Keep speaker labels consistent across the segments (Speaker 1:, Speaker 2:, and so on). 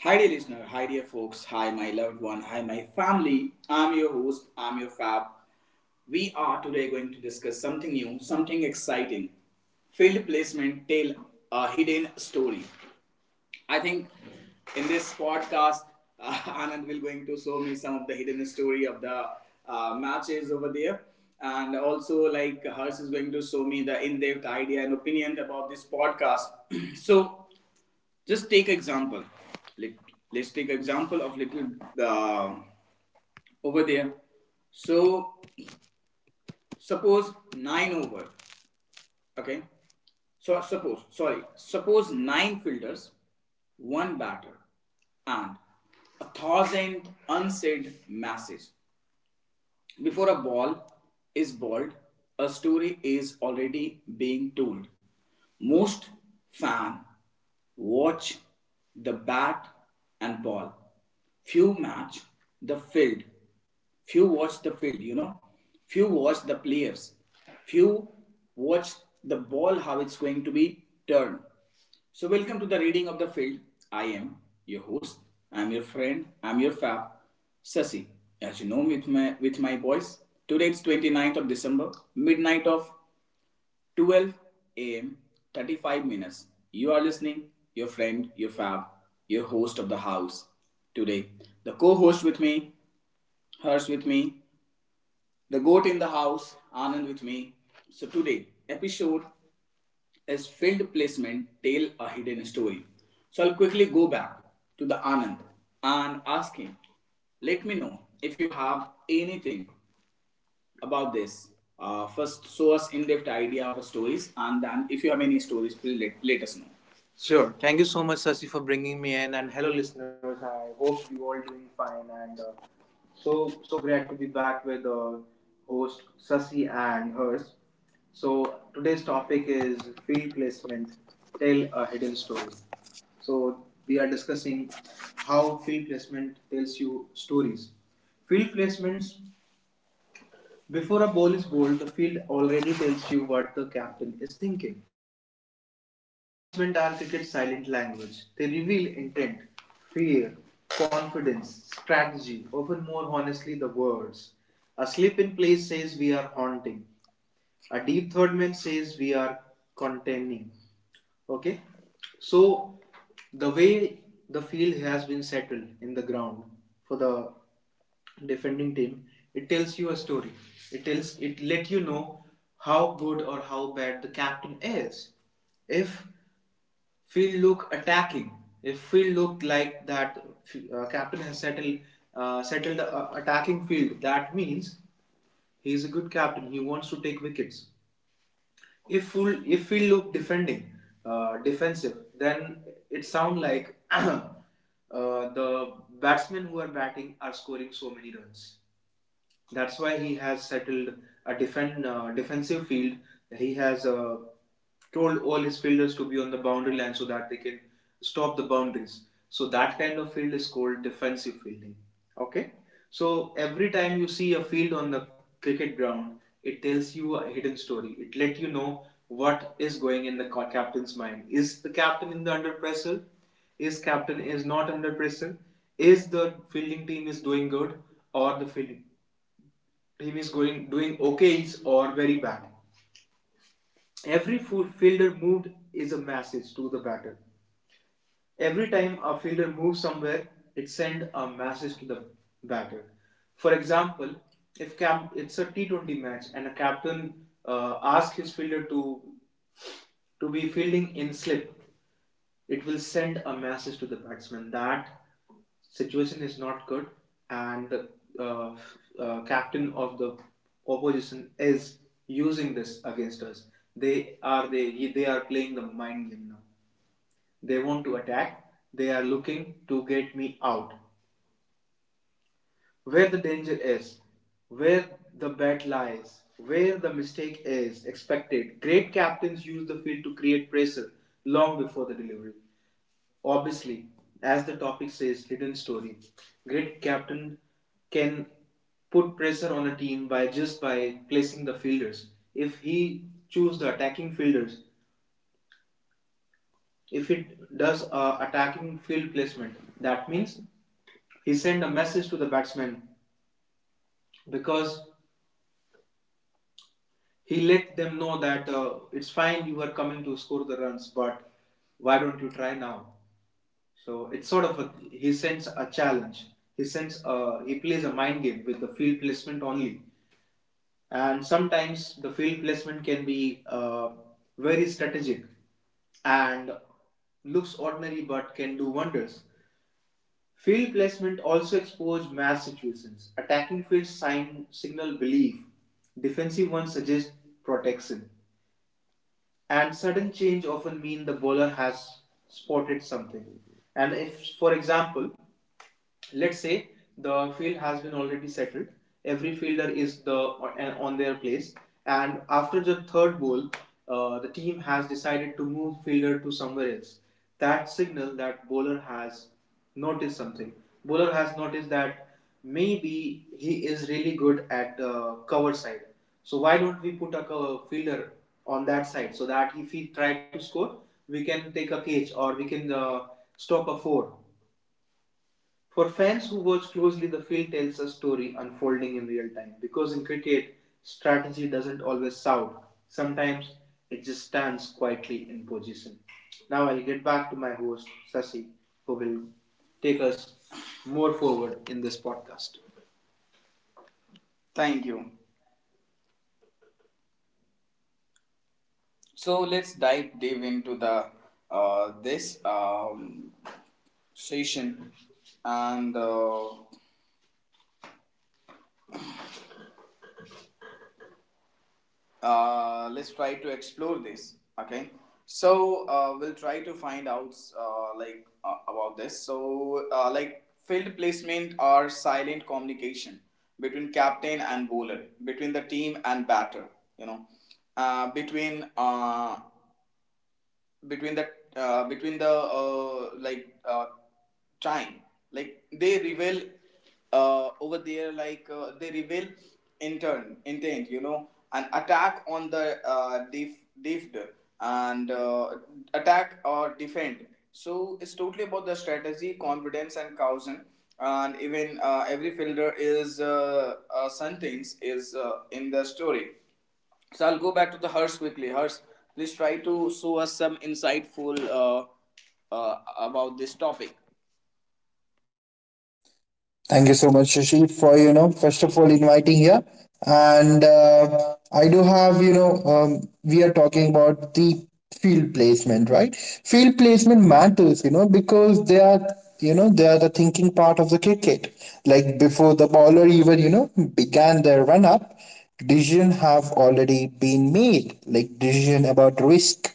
Speaker 1: Hi, dear listener. Hi, dear folks. Hi, my loved one. Hi, my family. I'm your host. I'm your fab. We are today going to discuss something new, something exciting. Field placement tell a hidden story. I think in this podcast, uh, Anand will going to show me some of the hidden story of the matches over there, and also like Harsh is going to show me the in-depth idea and opinion about this podcast. So just take example. Let, let's take example of little, uh, over there. So suppose 9 over. Okay, so suppose, sorry, suppose 9 fielders, one batter, and a thousand unsaid masses. Before a ball is balled, a story is already being told. Most fans watch the bat and ball. Few match the field. Few watch the field. Few watch the players. Few watch the ball how it's going to be turned. So welcome to the reading of the field. I am your host. I'm your friend. I'm your fab, Sasi. As you know, with my boys. Today it's 9th of December, midnight of 12 a.m. 35 minutes. You are listening, your friend, your fab, your host of the house. Today, the co-host with me, hers with me, the goat in the house, Anand with me. So today episode is field placement tell a hidden story. So I'll quickly go back to the Anand and ask him, let me know if you have anything about this. First, show us in-depth idea of stories, and then if you have any stories, please let us know. Sure. Thank you so much, Sasi, for bringing me in. And hello, listeners. I hope you all doing fine. And so glad to be back with host Sasi and hers. So today's topic is field placement. Tell a hidden story. So we are discussing how field placement tells you stories. Field placements before a ball is bowled, the field already tells you what the captain is thinking. Field placement are cricket's silent language. They reveal intent, fear, confidence, strategy, often more honestly the words. A slip in place says we are haunting. A deep third man says we are contending. Okay, so the way the field has been settled in the ground for the defending team, it tells you a story. It tells it let you know how good or how bad the captain is. If field look attacking, if field look like that captain has settled attacking field, that means he is a good captain. He wants to take wickets. If full, if we look defending defensive, then it sound like the batsmen who are batting are scoring so many runs. That's why he has settled a defend defensive field. He has told all his fielders to be on the boundary line so that they can stop the boundaries. So that kind of field is called defensive fielding. Okay. So every time you see a field on the cricket ground, it tells you a hidden story. It let you know what is going in the captain's mind. Is the captain in the under pressure? Is captain is not under pressure? Is the fielding team is doing good, or the fielding team is going doing okay or very bad? Every fielder moved is a message to the batter. Every time a fielder moves somewhere, it sends a message to the batter. For example, if cap- it's a T20 match and a captain asks his fielder to be fielding in slip. It will send a message to the batsman that situation is not good, and the uh, captain of the opposition is using this against us. They are playing the mind game now. They want to attack. They are looking to get me out, where the danger is, where the bet lies, where the mistake is expected. Great captains use the field to create pressure long before the delivery. Obviously, as the topic says, hidden story. Great captain can put pressure on a team by placing the fielders. If he choose the attacking fielders, if he does a attacking field placement, that means he sent a message to the batsman, because he let them know that, it's fine, you are coming to score the runs, but why don't you try now? So it's sort of a, he sends a challenge. He plays a mind game with the field placement only, and sometimes the field placement can be very strategic and looks ordinary but can do wonders. Field placement also expose mass situations. Attacking fields signal belief. Defensive ones suggest protection. And sudden change often mean the bowler has spotted something. And if, for example, let's say the field has been already settled, every fielder is the on their place, and after the third ball, the team has decided to move fielder to somewhere else. That signal that bowler has noticed something. Bowler has noticed that maybe he is really good at cover side, so why don't we put a cover fielder on that side, so that if he try to score, we can take a catch, or we can stop a four. For fans who watch closely, the field tells a story unfolding in real time, because in cricket, strategy doesn't always sound. Sometimes it just stands quietly in position. Now I'll get back to my host, Sasi, who will take us more forward in this podcast. Thank you. So let's dive deep into the this session, and let's try to explore this. Okay, so we'll try to find out, like, about this. So like, field placement are silent communication between captain and bowler, between the team and batter, you know between between that between the time. Like, they reveal, over there, they reveal intern intent. An attack on the deft, and attack or defend. So it's totally about the strategy, confidence, and caution. And even every fielder is sentence is in the story. So I'll go back to the Hers quickly. Hers, please try to show us some insightful about this topic.
Speaker 2: Thank you so much, Shashi, for first of all inviting here. And I do have we are talking about the field placement, right? Field placement matters, because they are the thinking part of the cricket. Like before the bowler even began their run up, decision have already been made, like decision about risk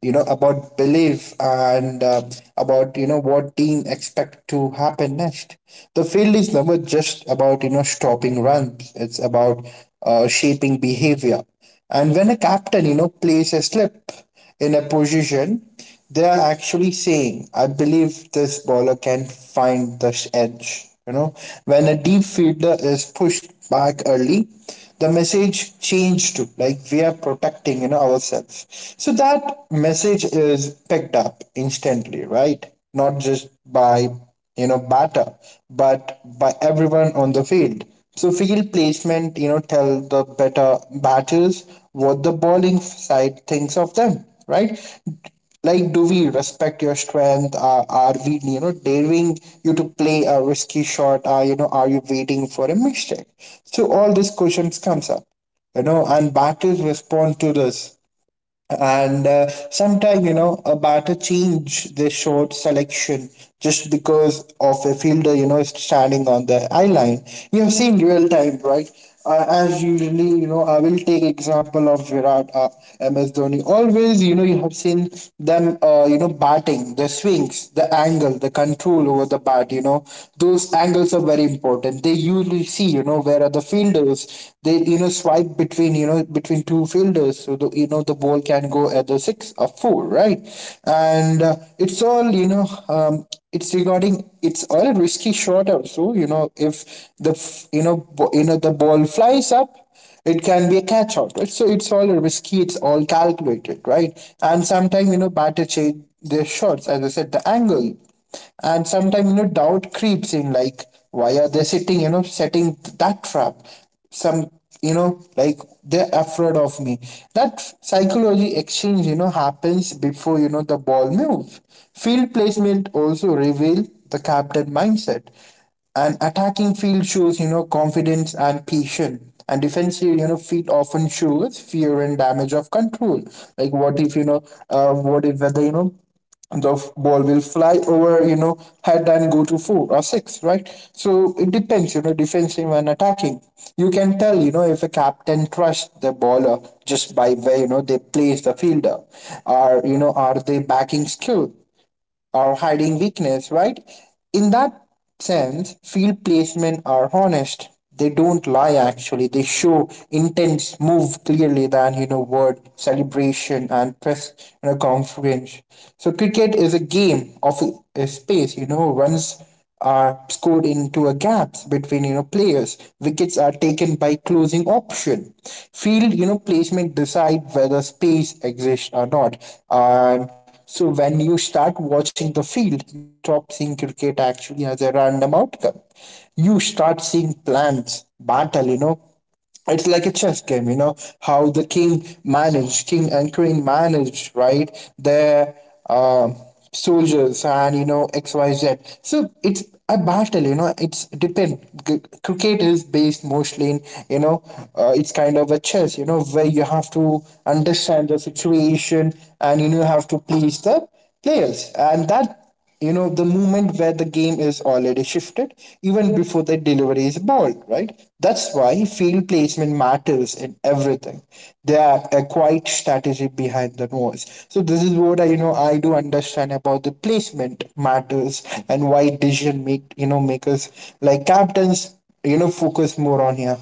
Speaker 2: about belief and about what team expect to happen next. The field is never just about stopping runs. It's about shaping behavior. And when a captain plays a slip in a position, they are actually saying, I believe this bowler can find the edge. When a deep fielder is pushed back early, the message changed to like we are protecting ourselves. So that message is picked up instantly, right? Not just by batter, but by everyone on the field. So field placement, tell the better batters what the bowling side thinks of them, right? Like do we respect your strength, are we daring you to play a risky shot, are you waiting for a mistake? So all these questions comes up, and batters respond to this. And sometimes a batter change their short selection just because of a fielder standing on the eye line. You have seen real time, right? As usually, I will take example of Virat, MS Dhoni. Always you have seen them batting, the swings, the angle, the control over the bat. Those angles are very important. They usually see, where are the fielders. They swipe between you know between two fielders, so the you know the ball can go at the six or four, right. And it's all it's regarding it's all a risky shot also, if the the ball flies up, it can be a catch out, right. So it's all risky, it's all calculated, right. And sometimes batter change their shots, as I said, the angle. And sometimes doubt creeps in, like why are they sitting, setting that trap? Some, like they're afraid of me. That psychology exchange happens before the ball move. Field placement also reveal the captain mindset. An attacking field shows, confidence and patience. And defensive, feet often shows fear and damage of control. Like what if, what if whether, the ball will fly over, head and go to four or six, right? So it depends, defensive and attacking. You can tell, if a captain trusts the bowler just by where, they place the fielder, or are they backing skill? Or hiding weakness, right? In that sense, field placement are honest. They don't lie actually. They show intense move clearly than word celebration and press, conference. So cricket is a game of a space. Runs are scored into a gaps between players. Wickets are taken by closing option. Field placement decide whether space exists or not. And so when you start watching the field, you stop seeing cricket actually as a random outcome. You start seeing plans, battle, it's like a chess game. How the king manage, king and queen manage, right? Their um soldiers and xyz. So it's a battle, it's depend. Cricket is based mostly in, you know it's kind of a chess, where you have to understand the situation, and have to please the players. And that, the moment where the game is already shifted even before the delivery is balled, right. That's why field placement matters in everything. There are a quiet strategy behind the noise. So this is what I you know I do understand about the placement matters, and why decision makers, like captains, focus more on here.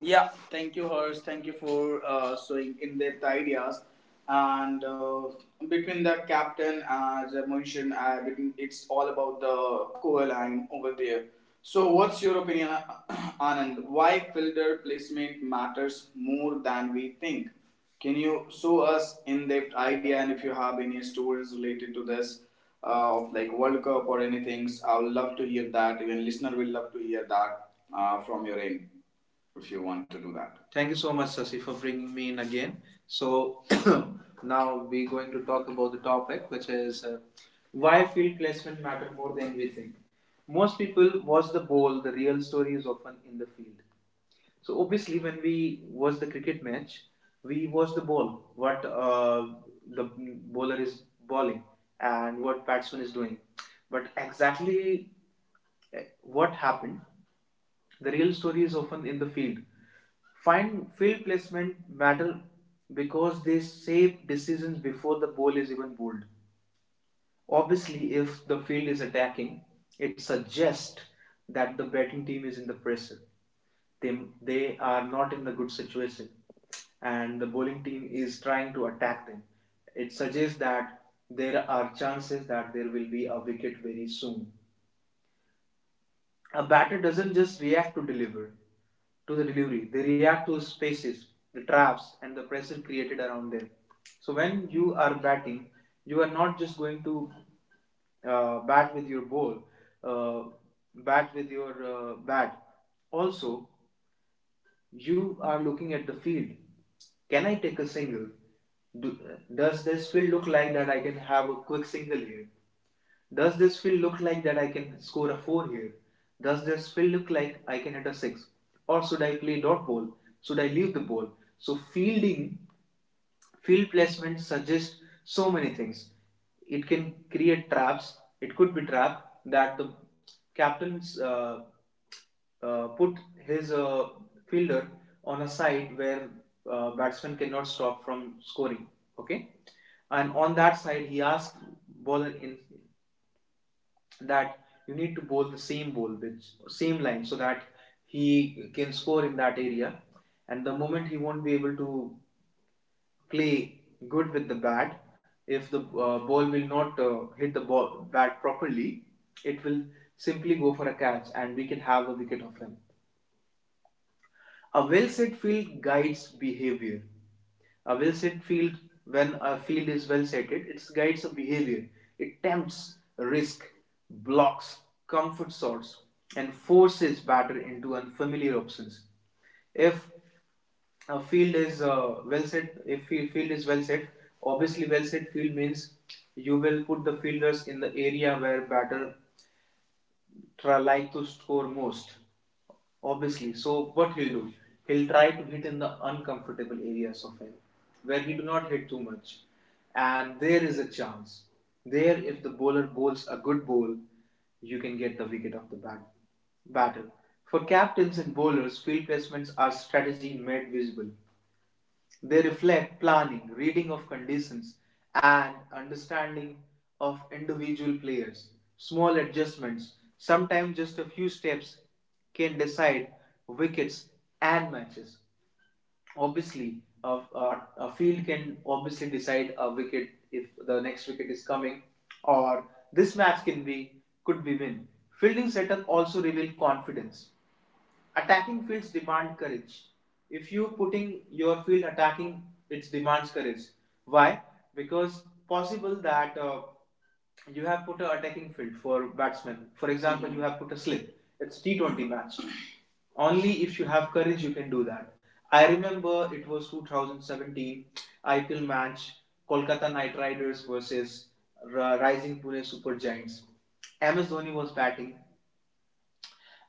Speaker 1: Yeah, thank you, Hers. Thank you for showing in depth ideas. And between the captain, as I mentioned, it's all about the core line over there. So, what's your opinion, Anand? Why fielder placement matters more than we think? Can you show us in depth idea? And if you have any stories related to this, of like World Cup or anything, I would love to hear that. Even listener will love to hear that from your end, if you want to do that. Thank you so much, Sasi, for bringing me in again. So now we're going to talk about the topic, which is why field placement matter more than we think. Most people watch the ball; the real story is often in the field. So obviously, when we watch the cricket match, we watch the ball, what the bowler is bowling, and what batsman is doing. But exactly what happened, the real story is often in the field. Find field placement matter because they shape decisions before the ball is even bowled. Obviously, if the field is attacking, it suggests that the batting team is in the pressure. They are not in the good situation, and the bowling team is trying to attack them. It suggests that there are chances that there will be a wicket very soon. A batter doesn't just react to the delivery. They react to spaces, the traps, and the pressure created around them. So when you are batting, you are not just going to uh, bat with your ball, uh, bat with your bat. Also, you are looking at the field. Can I take a single? Do, does this field look like that I can have a quick single here? Does this field look like that I can score a 4 here? Does this field look like I can hit a 6? Or should I play dot ball? Should I leave the ball? So field placement suggests so many things. It can create traps. It could be trap that the captains put his fielder on a side where batsman cannot stop from scoring. Okay, and on that side he asked bowler in that, you need to bowl the same ball which same line so that he can score in that area, and the moment he won't be able to play good with the bat, if the ball will not hit the ball bat properly, it will simply go for a catch and we can have a wicket of him. A well set field guides behavior. A well set field, when a field is well setted, it guides a behavior. It tempts, risk, blocks, comfort sorts, and forces batter into unfamiliar options. If a field is well set, if field is well set, obviously well set field means you will put the fielders in the area where batter try like to score most. Obviously, so what he'll do? He'll try to hit in the uncomfortable areas of him, where we do not hit too much. And there is a chance. There, if the bowler bowls a good ball, you can get the wicket of the batter. For captains and bowlers, field placements are strategy made visible. They reflect planning, reading of conditions, and understanding of individual players. Small adjustments, sometimes just a few steps, can decide wickets and matches. Obviously, a field can obviously decide a wicket if the next wicket is coming, or this match can be could be win. Fielding setup also reveal confidence. Attacking fields demand courage. If you putting your field attacking, it demands courage. Why? Because possible that you have put a attacking field for batsmen. For example, you have put a slip. It's T20 match. Only if you have courage, you can do that. I remember it was 2017 IPL match, Kolkata Knight Riders versus uh, Rising Pune Super Giants. MS Dhoni was batting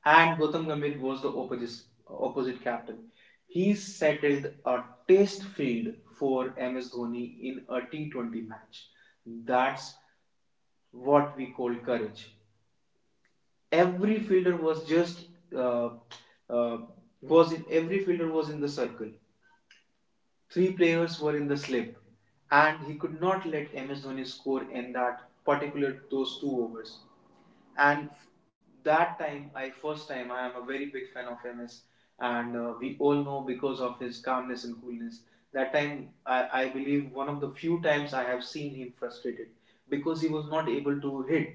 Speaker 1: and Gautam Gambhir was the opposite captain. He settled a test field for MS Dhoni in a T20 match. That's what we call courage. Every fielder was just uh, uh, was in every fielder was in the circle. Three players were in the slip, and he could not let MS Dhoni score in that particular those two overs. And that time, I first time I am a very big fan of MS, and we all know because of his calmness and coolness. That time I believe one of the few times I have seen him frustrated because he was not able to hit,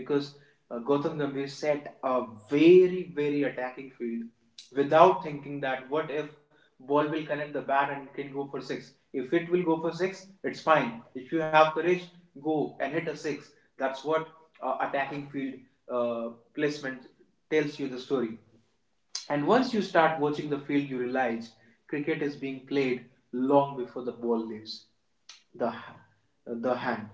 Speaker 1: because Gotham Gambhir set a very attacking field without thinking that what if ball will connect the bat and it can go for 6. If it will go for 6, it's fine. If you have courage, go and hit a 6. That's what attacking field placement tells you the story. And once you start watching the field, you realize cricket is being played long before the ball leaves the the hand.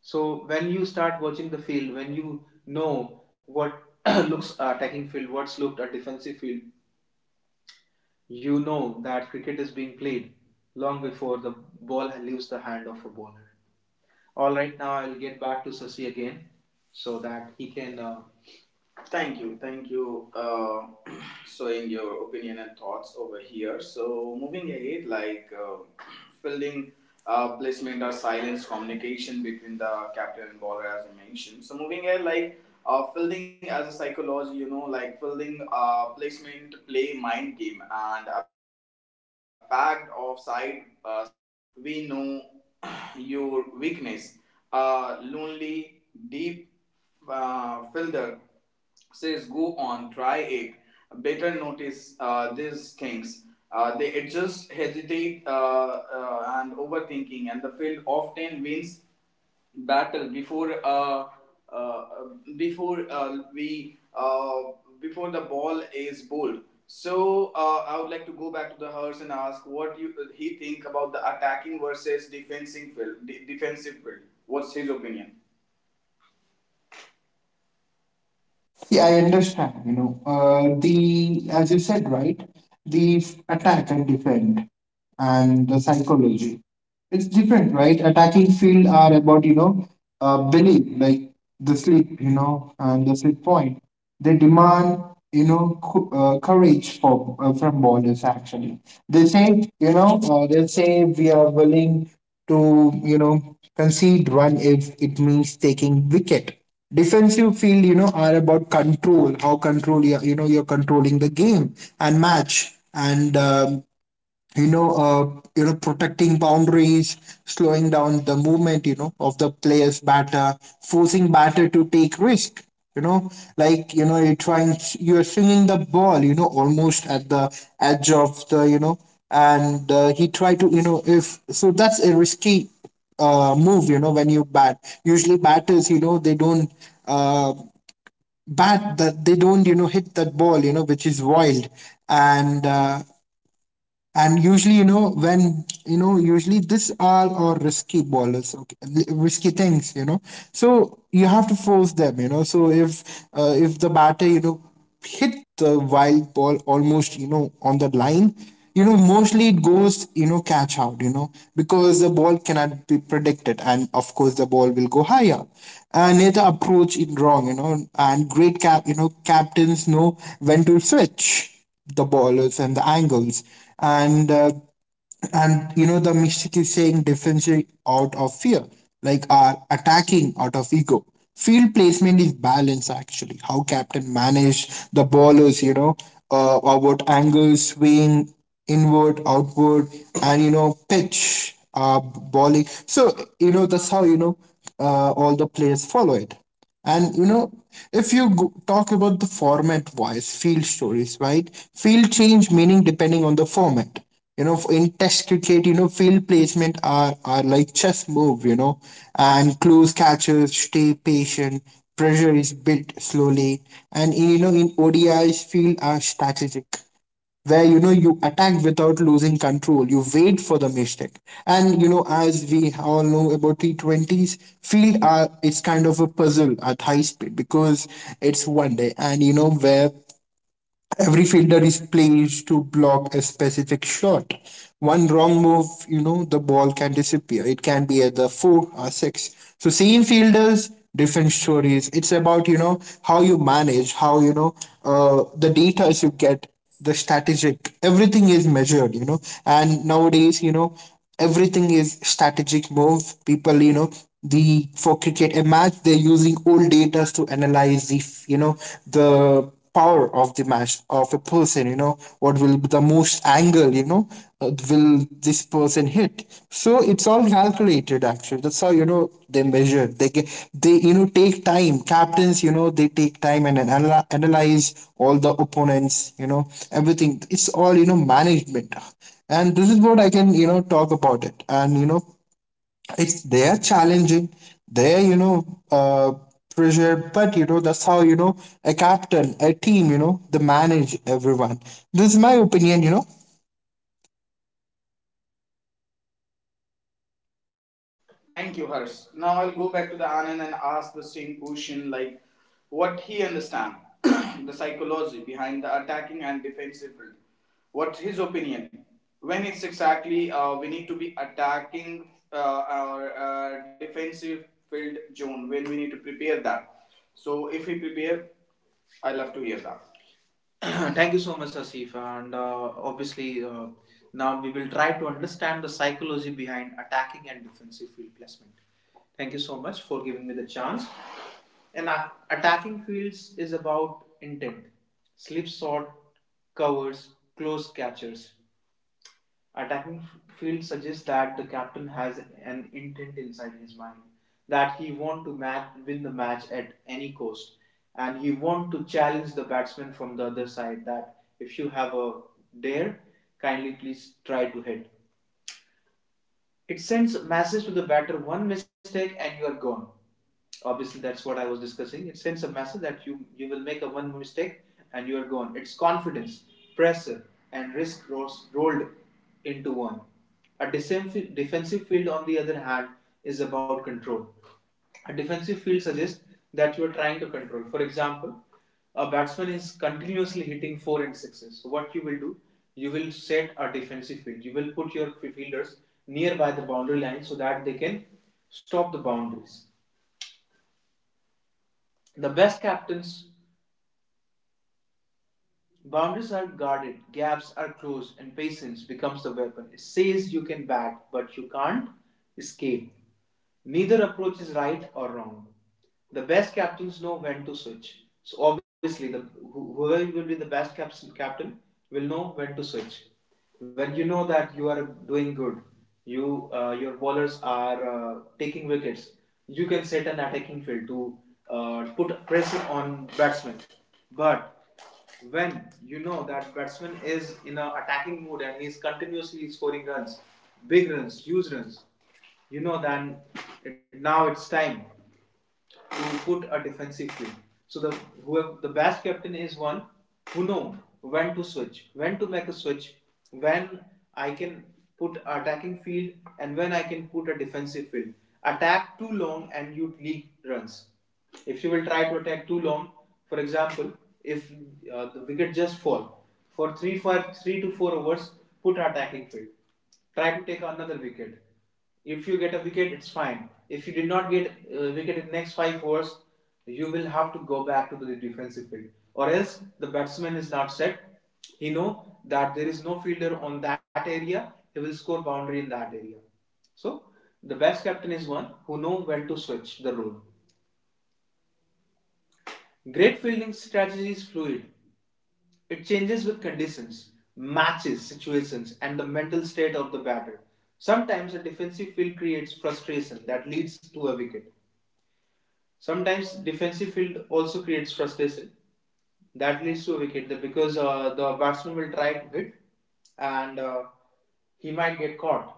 Speaker 1: So when you start watching the field, when you know what looks attacking field, what's looked a defensive field, you know that cricket is being played long before the ball leaves the hand of a bowler. All right, now I'll get back to Sasi again so that he can thank you, showing your opinion and thoughts over here. So moving ahead, like fielding placement or silence communication between the captain and bowler, as I mentioned. So moving ahead, like fielding as a psychology, you know, like fielding placement play mind game and a bag of side says we know your weakness. A lonely, deep filter says, go on, try it. Better notice these things. They adjust, hesitate, and overthinking, and the field often wins battle before uh, before we before the ball is bowled. So I would like to go back to the Hurst and ask what you, he think about the attacking versus defensive field, defensive field. What's his opinion?
Speaker 2: Yeah, I understand. You know, the as you said, right, the attack and defend, and the psychology. It's different, right? Attacking field are about belief, like the sleep, and the sleep point. They demand courage for from borders. Actually, they say we are willing to concede run if it means taking wicket. Defensive field, are about control. How control you you know you're controlling the game and match, and protecting boundaries, slowing down the movement, of the player's batter, forcing batter to take risk. Like, you're trying, you're swinging the ball, almost at the edge of the, and he tried to, if so, that's a risky move. When you bat, usually batters, they don't uh, bat that they don't, hit that ball, which is wild, and uh, and usually, when usually this are or risky ballers, okay, risky things. So you have to force them. So if the batter, hit the wild ball almost, on the line, mostly it goes, catch out, because the ball cannot be predicted, and of course the ball will go higher. And it approach it wrong, and great captains know when to switch the ballers and the angles. And uh, and the mystic is saying differentiate out of fear, like are attacking out of ego. Field placement is balance actually, how captain managed the ballers, about angles, swing, inward, outward, and pitch bowling. So that's how all the players follow it. And if you talk about the format wise, field stories, right? Field change meaning depending on the format. In test cricket, field placement are like chess move, and close catches, stay patient, pressure is built slowly. And, in ODIs, field are strategic, where you attack without losing control, you wait for the mistake. And as we all know about T20s, field are, it's kind of a puzzle at high speed, because it's one day and where every fielder is placed to block a specific shot. One wrong move, the ball can disappear. It can be at the four or six. So same fielders, different stories. It's about how you manage, how the data you get, the strategic. Everything is measured, And nowadays, everything is strategic move. People, the for cricket a match, they're using old data to analyze the, you know the power of the match of a person, what will be the most angle, will this person hit. So it's all calculated actually. That's how they measure, they get, they take time. Captains, they take time and analyze all the opponents, everything. It's all management. And this is what I can talk about it. And it's, they are challenging, they are, uh, pressure. But that's how a captain, a team, they manage everyone. This is my opinion.
Speaker 1: Thank you, Harsh. Now I'll go back to the Anand and ask the same question, like what he understand, the psychology behind the attacking and defensive field. What's his opinion? When it's exactly we need to be attacking our defensive field zone, when we need to prepare that. So if we prepare, I love to hear that. Thank you so much, Asif. And obviously, now we will try to understand the psychology behind attacking and defensive field placement. Thank you so much for giving me the chance. And attacking fields is about intent, slip shot, covers, close catchers. Attacking field suggests that the captain has an intent inside his mind that he want to win the match at any cost, and he want to challenge the batsman from the other side that if you have a dare, kindly please try to hit. It sends a message to the batter: one mistake and you are gone. Obviously, that's what I was discussing. It sends a message that you will make a one mistake and you are gone. It's confidence, pressure, and risk rolled into one. A defensive field, on the other hand, is about control. A defensive field suggests that you are trying to control. For example, a batsman is continuously hitting four and sixes, so what you will do, you will set a defensive field, you will put your fielders nearby the boundary line so that they can stop the boundaries. The best captains, boundaries are guarded, gaps are closed, and patience becomes the weapon. It says you can bat, but you can't escape. Neither approach is right or wrong. The best captains know when to switch. So obviously, the whoever will be the best captain will know when to switch. When you know that you are doing good, you your bowlers are taking wickets. You can set an attacking field to put pressure on batsmen. But when you know that batsman is in an attacking mood and he is continuously scoring runs, big runs, huge runs, you know then now it's time to put a defensive team. So the whoever the best captain is one who know when to switch, when to make a switch, when I can put attacking field and when I can put a defensive field. Attack too long and you leak runs. If you will try to attack too long, for example, if the wicket just fall for three to 4 overs, put attacking field, try to take another wicket. If you get a wicket, it's fine. If you did not get a wicket in the next five overs, you will have to go back to the defensive field, or else the batsman is not set. He know that there is no fielder on that area. He will score boundary in that area. So the best captain is one who know when to switch the role. Great fielding strategy is fluid. It changes with conditions, matches, situations, and the mental state of the batter. Sometimes a defensive field creates frustration that leads to a wicket. Sometimes defensive field also creates frustration. That leads to a wicket because the batsman will try to hit and he might get caught.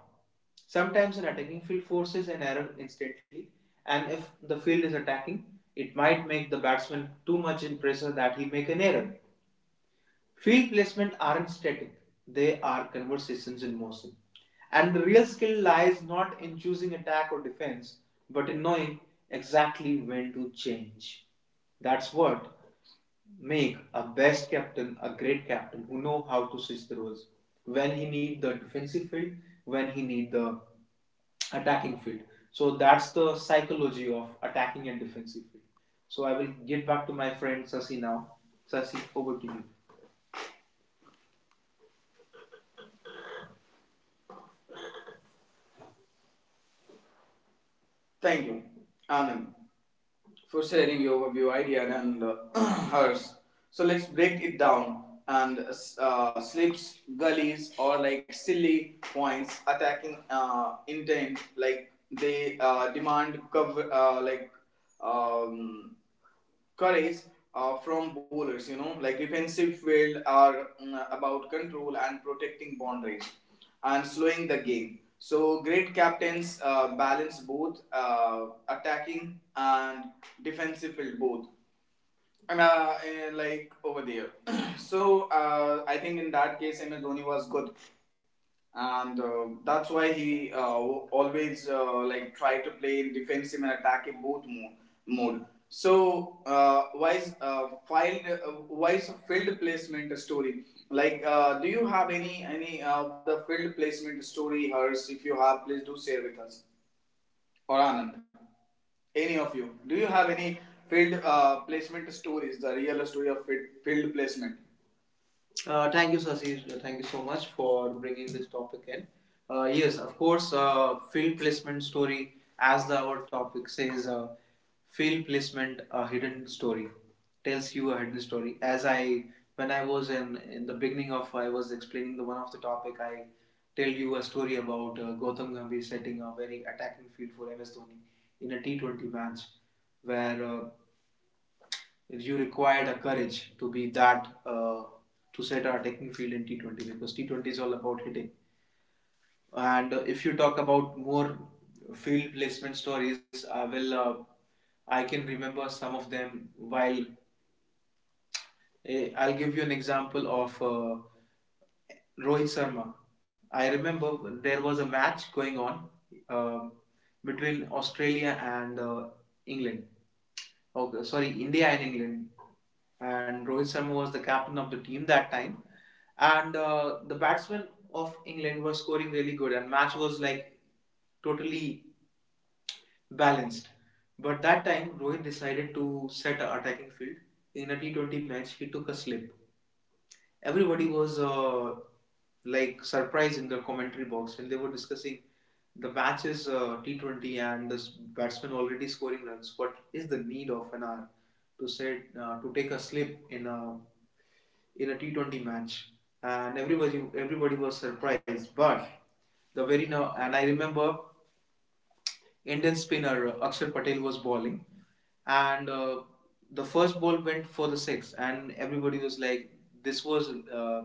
Speaker 1: Sometimes an attacking field forces an error instantly, and if the field is attacking, it might make the batsman too much in pressure that he make an error. Field placement aren't static, they are conversations in motion. And the real skill lies not in choosing attack or defense, but in knowing exactly when to change. That's what make a best captain a great captain who know how to switch the roles, when he need the defensive field, when he need the attacking field. So that's the psychology of attacking and defensive field. So I will get back to my friend Sasi now. Sasi, over to you. Thank you, Anand, for sharing your overview idea and hers. So let's break it down. And slips, gullies, or like silly points attacking intent, like they demand cover, like um, courage from bowlers. You know, like defensive field are about control and protecting boundaries and slowing the game. So great captains balance both attacking and defensive field both. And like over there. So I think in that case, MS Dhoni was good, and that's why he always like try to play in defensive and attacking both mode. So why is filed why is field placement story like? Do you have any of the field placement story? Hers, if you have, please do share with us, or Anand. Any of you, do you have any field placement stories? The real story of field, field placement. Thank you, Sasi. Thank you so much for bringing this topic in. Yes, of course, field placement story, as the, our topic says, field placement, a hidden story, tells you a hidden story. As I, when I was in the beginning of, I was explaining the one of the topic. I tell you a story about Gautam Gambhir setting a very attacking field for MS Dhoni in a T20 match, where you require the courage to be that to set our attacking field in T20, because T20 is all about hitting. And if you talk about more field placement stories, I can remember some of them. While I'll give you an example of Rohit Sharma. I remember there was a match going on um between Australia and England. Okay, sorry, India and England. And Rohit Sharma was the captain of the team that time. And the batsmen of England were scoring really good, and match was like totally balanced. But that time, Rohit decided to set an attacking field. In a T20 match, he took a slip. Everybody was like surprised in the commentary box when they were discussing the match is T20 and this batsman already scoring runs. What is the need of an hour to set to take a slip in a T20 match? And everybody was surprised, but the very now, and I remember Indian spinner Akshar Patel was bowling, and the first ball went for the six, and everybody was like, "This was uh,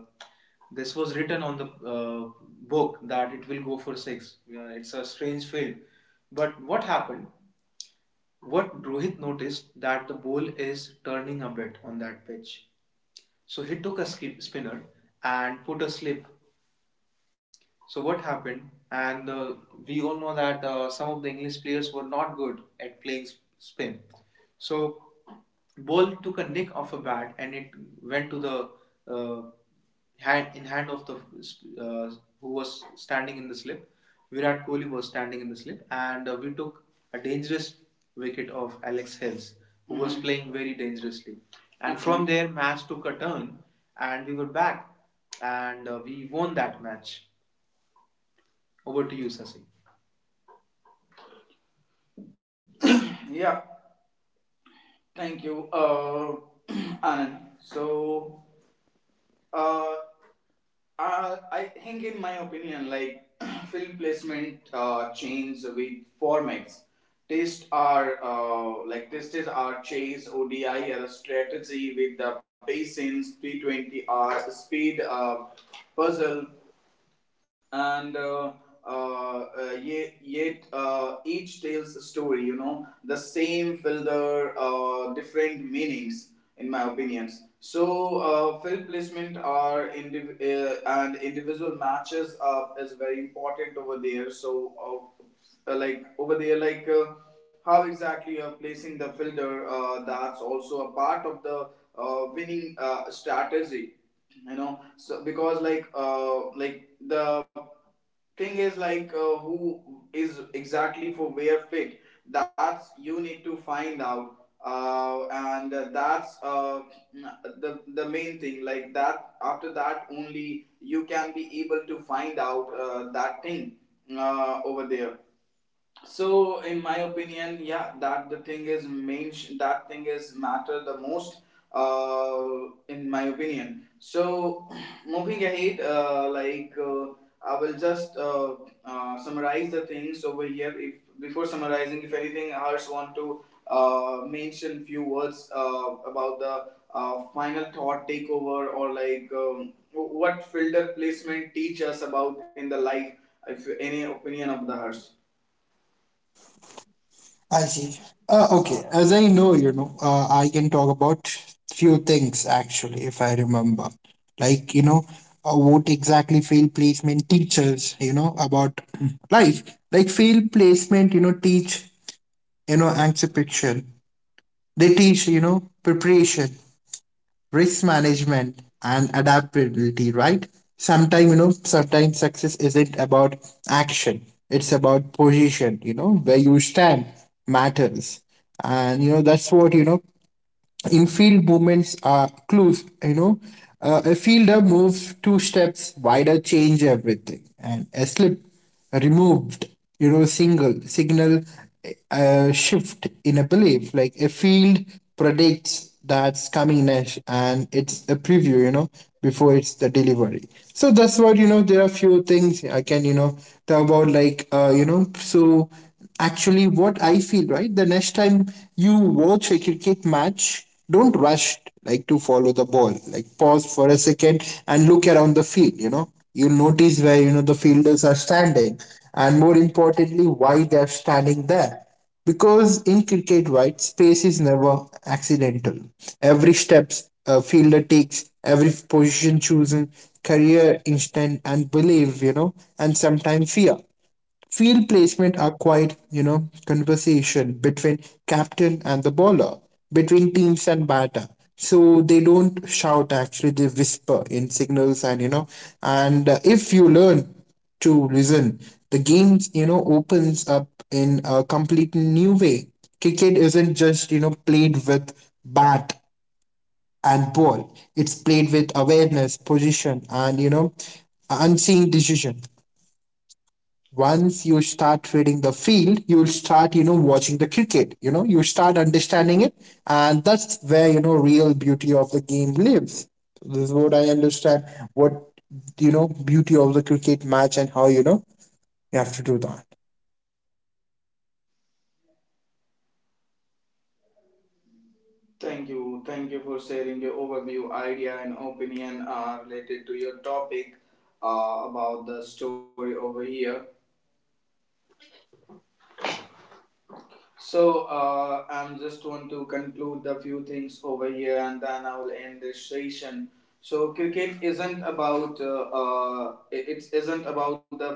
Speaker 1: this was written on the book that it will go for six. It's a strange field." But what happened? What Rohit noticed that the ball is turning a bit on that pitch, so he took a skip spinner and put a slip. So what happened? And we all know that some of the English players were not good at playing spin. So ball took a nick off a bat and it went to the uh, hand in hand of the uh, who was standing in the slip. Virat Kohli was standing in the slip, and we took a dangerous wicket of Alex Hills, who, mm-hmm, was, mhm, playing very dangerously. And, okay, from there, match took a turn, and we were back, and we won that match. Over to you, Sasi. Yeah, thank you, Anand. So, uh, I think, in my opinion, like film placement change with formats. Test are like tested are chase, ODI are strategy with the patience, T20 are speed, puzzle, and yet, each tells a story, you know, the same filter, different meanings in my opinions. So field placement are and individual matches up is very important over there. So like over there, how exactly you are placing the filter, that's also a part of the winning strategy, you know. So because like the thing is like, who is exactly for where fit, that's you need to find out, and that's the main thing, like that. After that only you can be able to find out, that thing, over there. So in my opinion, yeah, that the thing is that thing is matter the most, in my opinion. So moving ahead, I will just summarize the things over here. If, before summarizing, if anything else want to mention few words about the final thought takeover, or like, what fielder placement teach us about in the life, if any opinion of the hers.
Speaker 2: I see. Okay, as I know, I can talk about few things actually if I remember, like what exactly field placement teaches about life. Like field placement teach, anticipation. They teach, preparation, risk management, and adaptability, right. Sometimes, sometimes success isn't about action, it's about position, where you stand matters. And that's what, in field movements are clues, A fielder moves 2 steps wider, change everything. And a slip removed, single signal, shift in a belief, like a field predicts that's coming next, and it's a preview, before it's the delivery. So that's what, there are few things I can talk about, like so actually what I feel, right? The next time you watch a cricket match, don't rush like to follow the ball. Like pause for a second and look around the field, you know. You'll notice where the fielders are standing, and more importantly why they are standing there. Because in cricket, right, space is never accidental. Every steps a fielder takes, every position chosen, career instinct and belief, and sometimes fear. Field placement are quite, conversation between captain and the bowler, between teams and batter. So they don't shout actually, they whisper in signals and if you learn to listen, the game, opens up in a complete new way. Cricket isn't just, played with bat and ball. It's played with awareness, position, and unseen decision. Once you start reading the field, you will start watching the cricket, you start understanding it. And that's where real beauty of the game lives. This is what I understand, what beauty of the cricket match, and how you have to do that.
Speaker 1: Thank you. Thank you for sharing your overview, idea, and opinion related to your topic about the story over here. So, I'm just want to conclude the few things over here, and then I will end this session. So, cricket isn't about it it isn't about the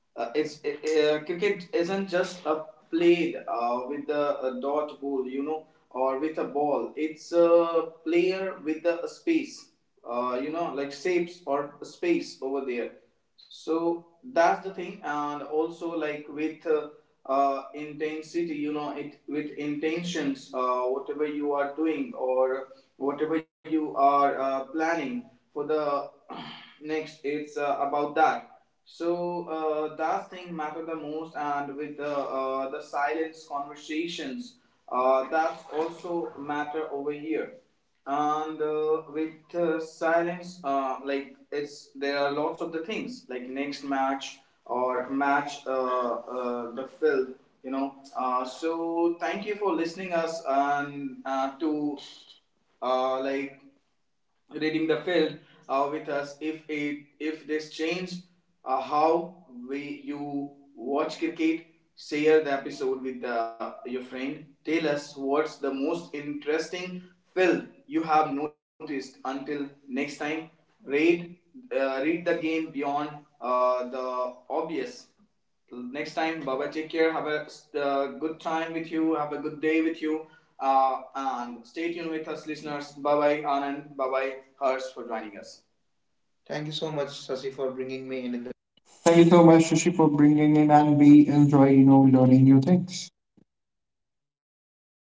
Speaker 1: Uh, it's it, cricket isn't just a played with a dot ball, you know, or with a ball. It's a player with the space, you know, like shapes or space over there. So that's the thing, and also like with intensity, you know, it with intentions, whatever you are doing or whatever you are planning for the next. It's about that. So that thing matter the most, and with the silence conversations, that's also matter over here. And with silence, like it's, there are lots of the things like next match or match the field, you know. So thank you for listening us, and to like reading the film with us. If it, if this changed how we you watch cricket, share the episode with the, your friend, tell us what's the most interesting film you have noticed. Until next time, read, read the game beyond the obvious. Till next time, bye bye, take care, have a good time with you, have a good day with you, and stay tuned with us, listeners. Bye bye, Anand, bye bye, Harsh, for joining us. Thank you so much, Sasi, for bringing me in the
Speaker 2: Thank
Speaker 1: conversation.
Speaker 2: you so much, Shishi, for bringing in, and we enjoy, learning new things.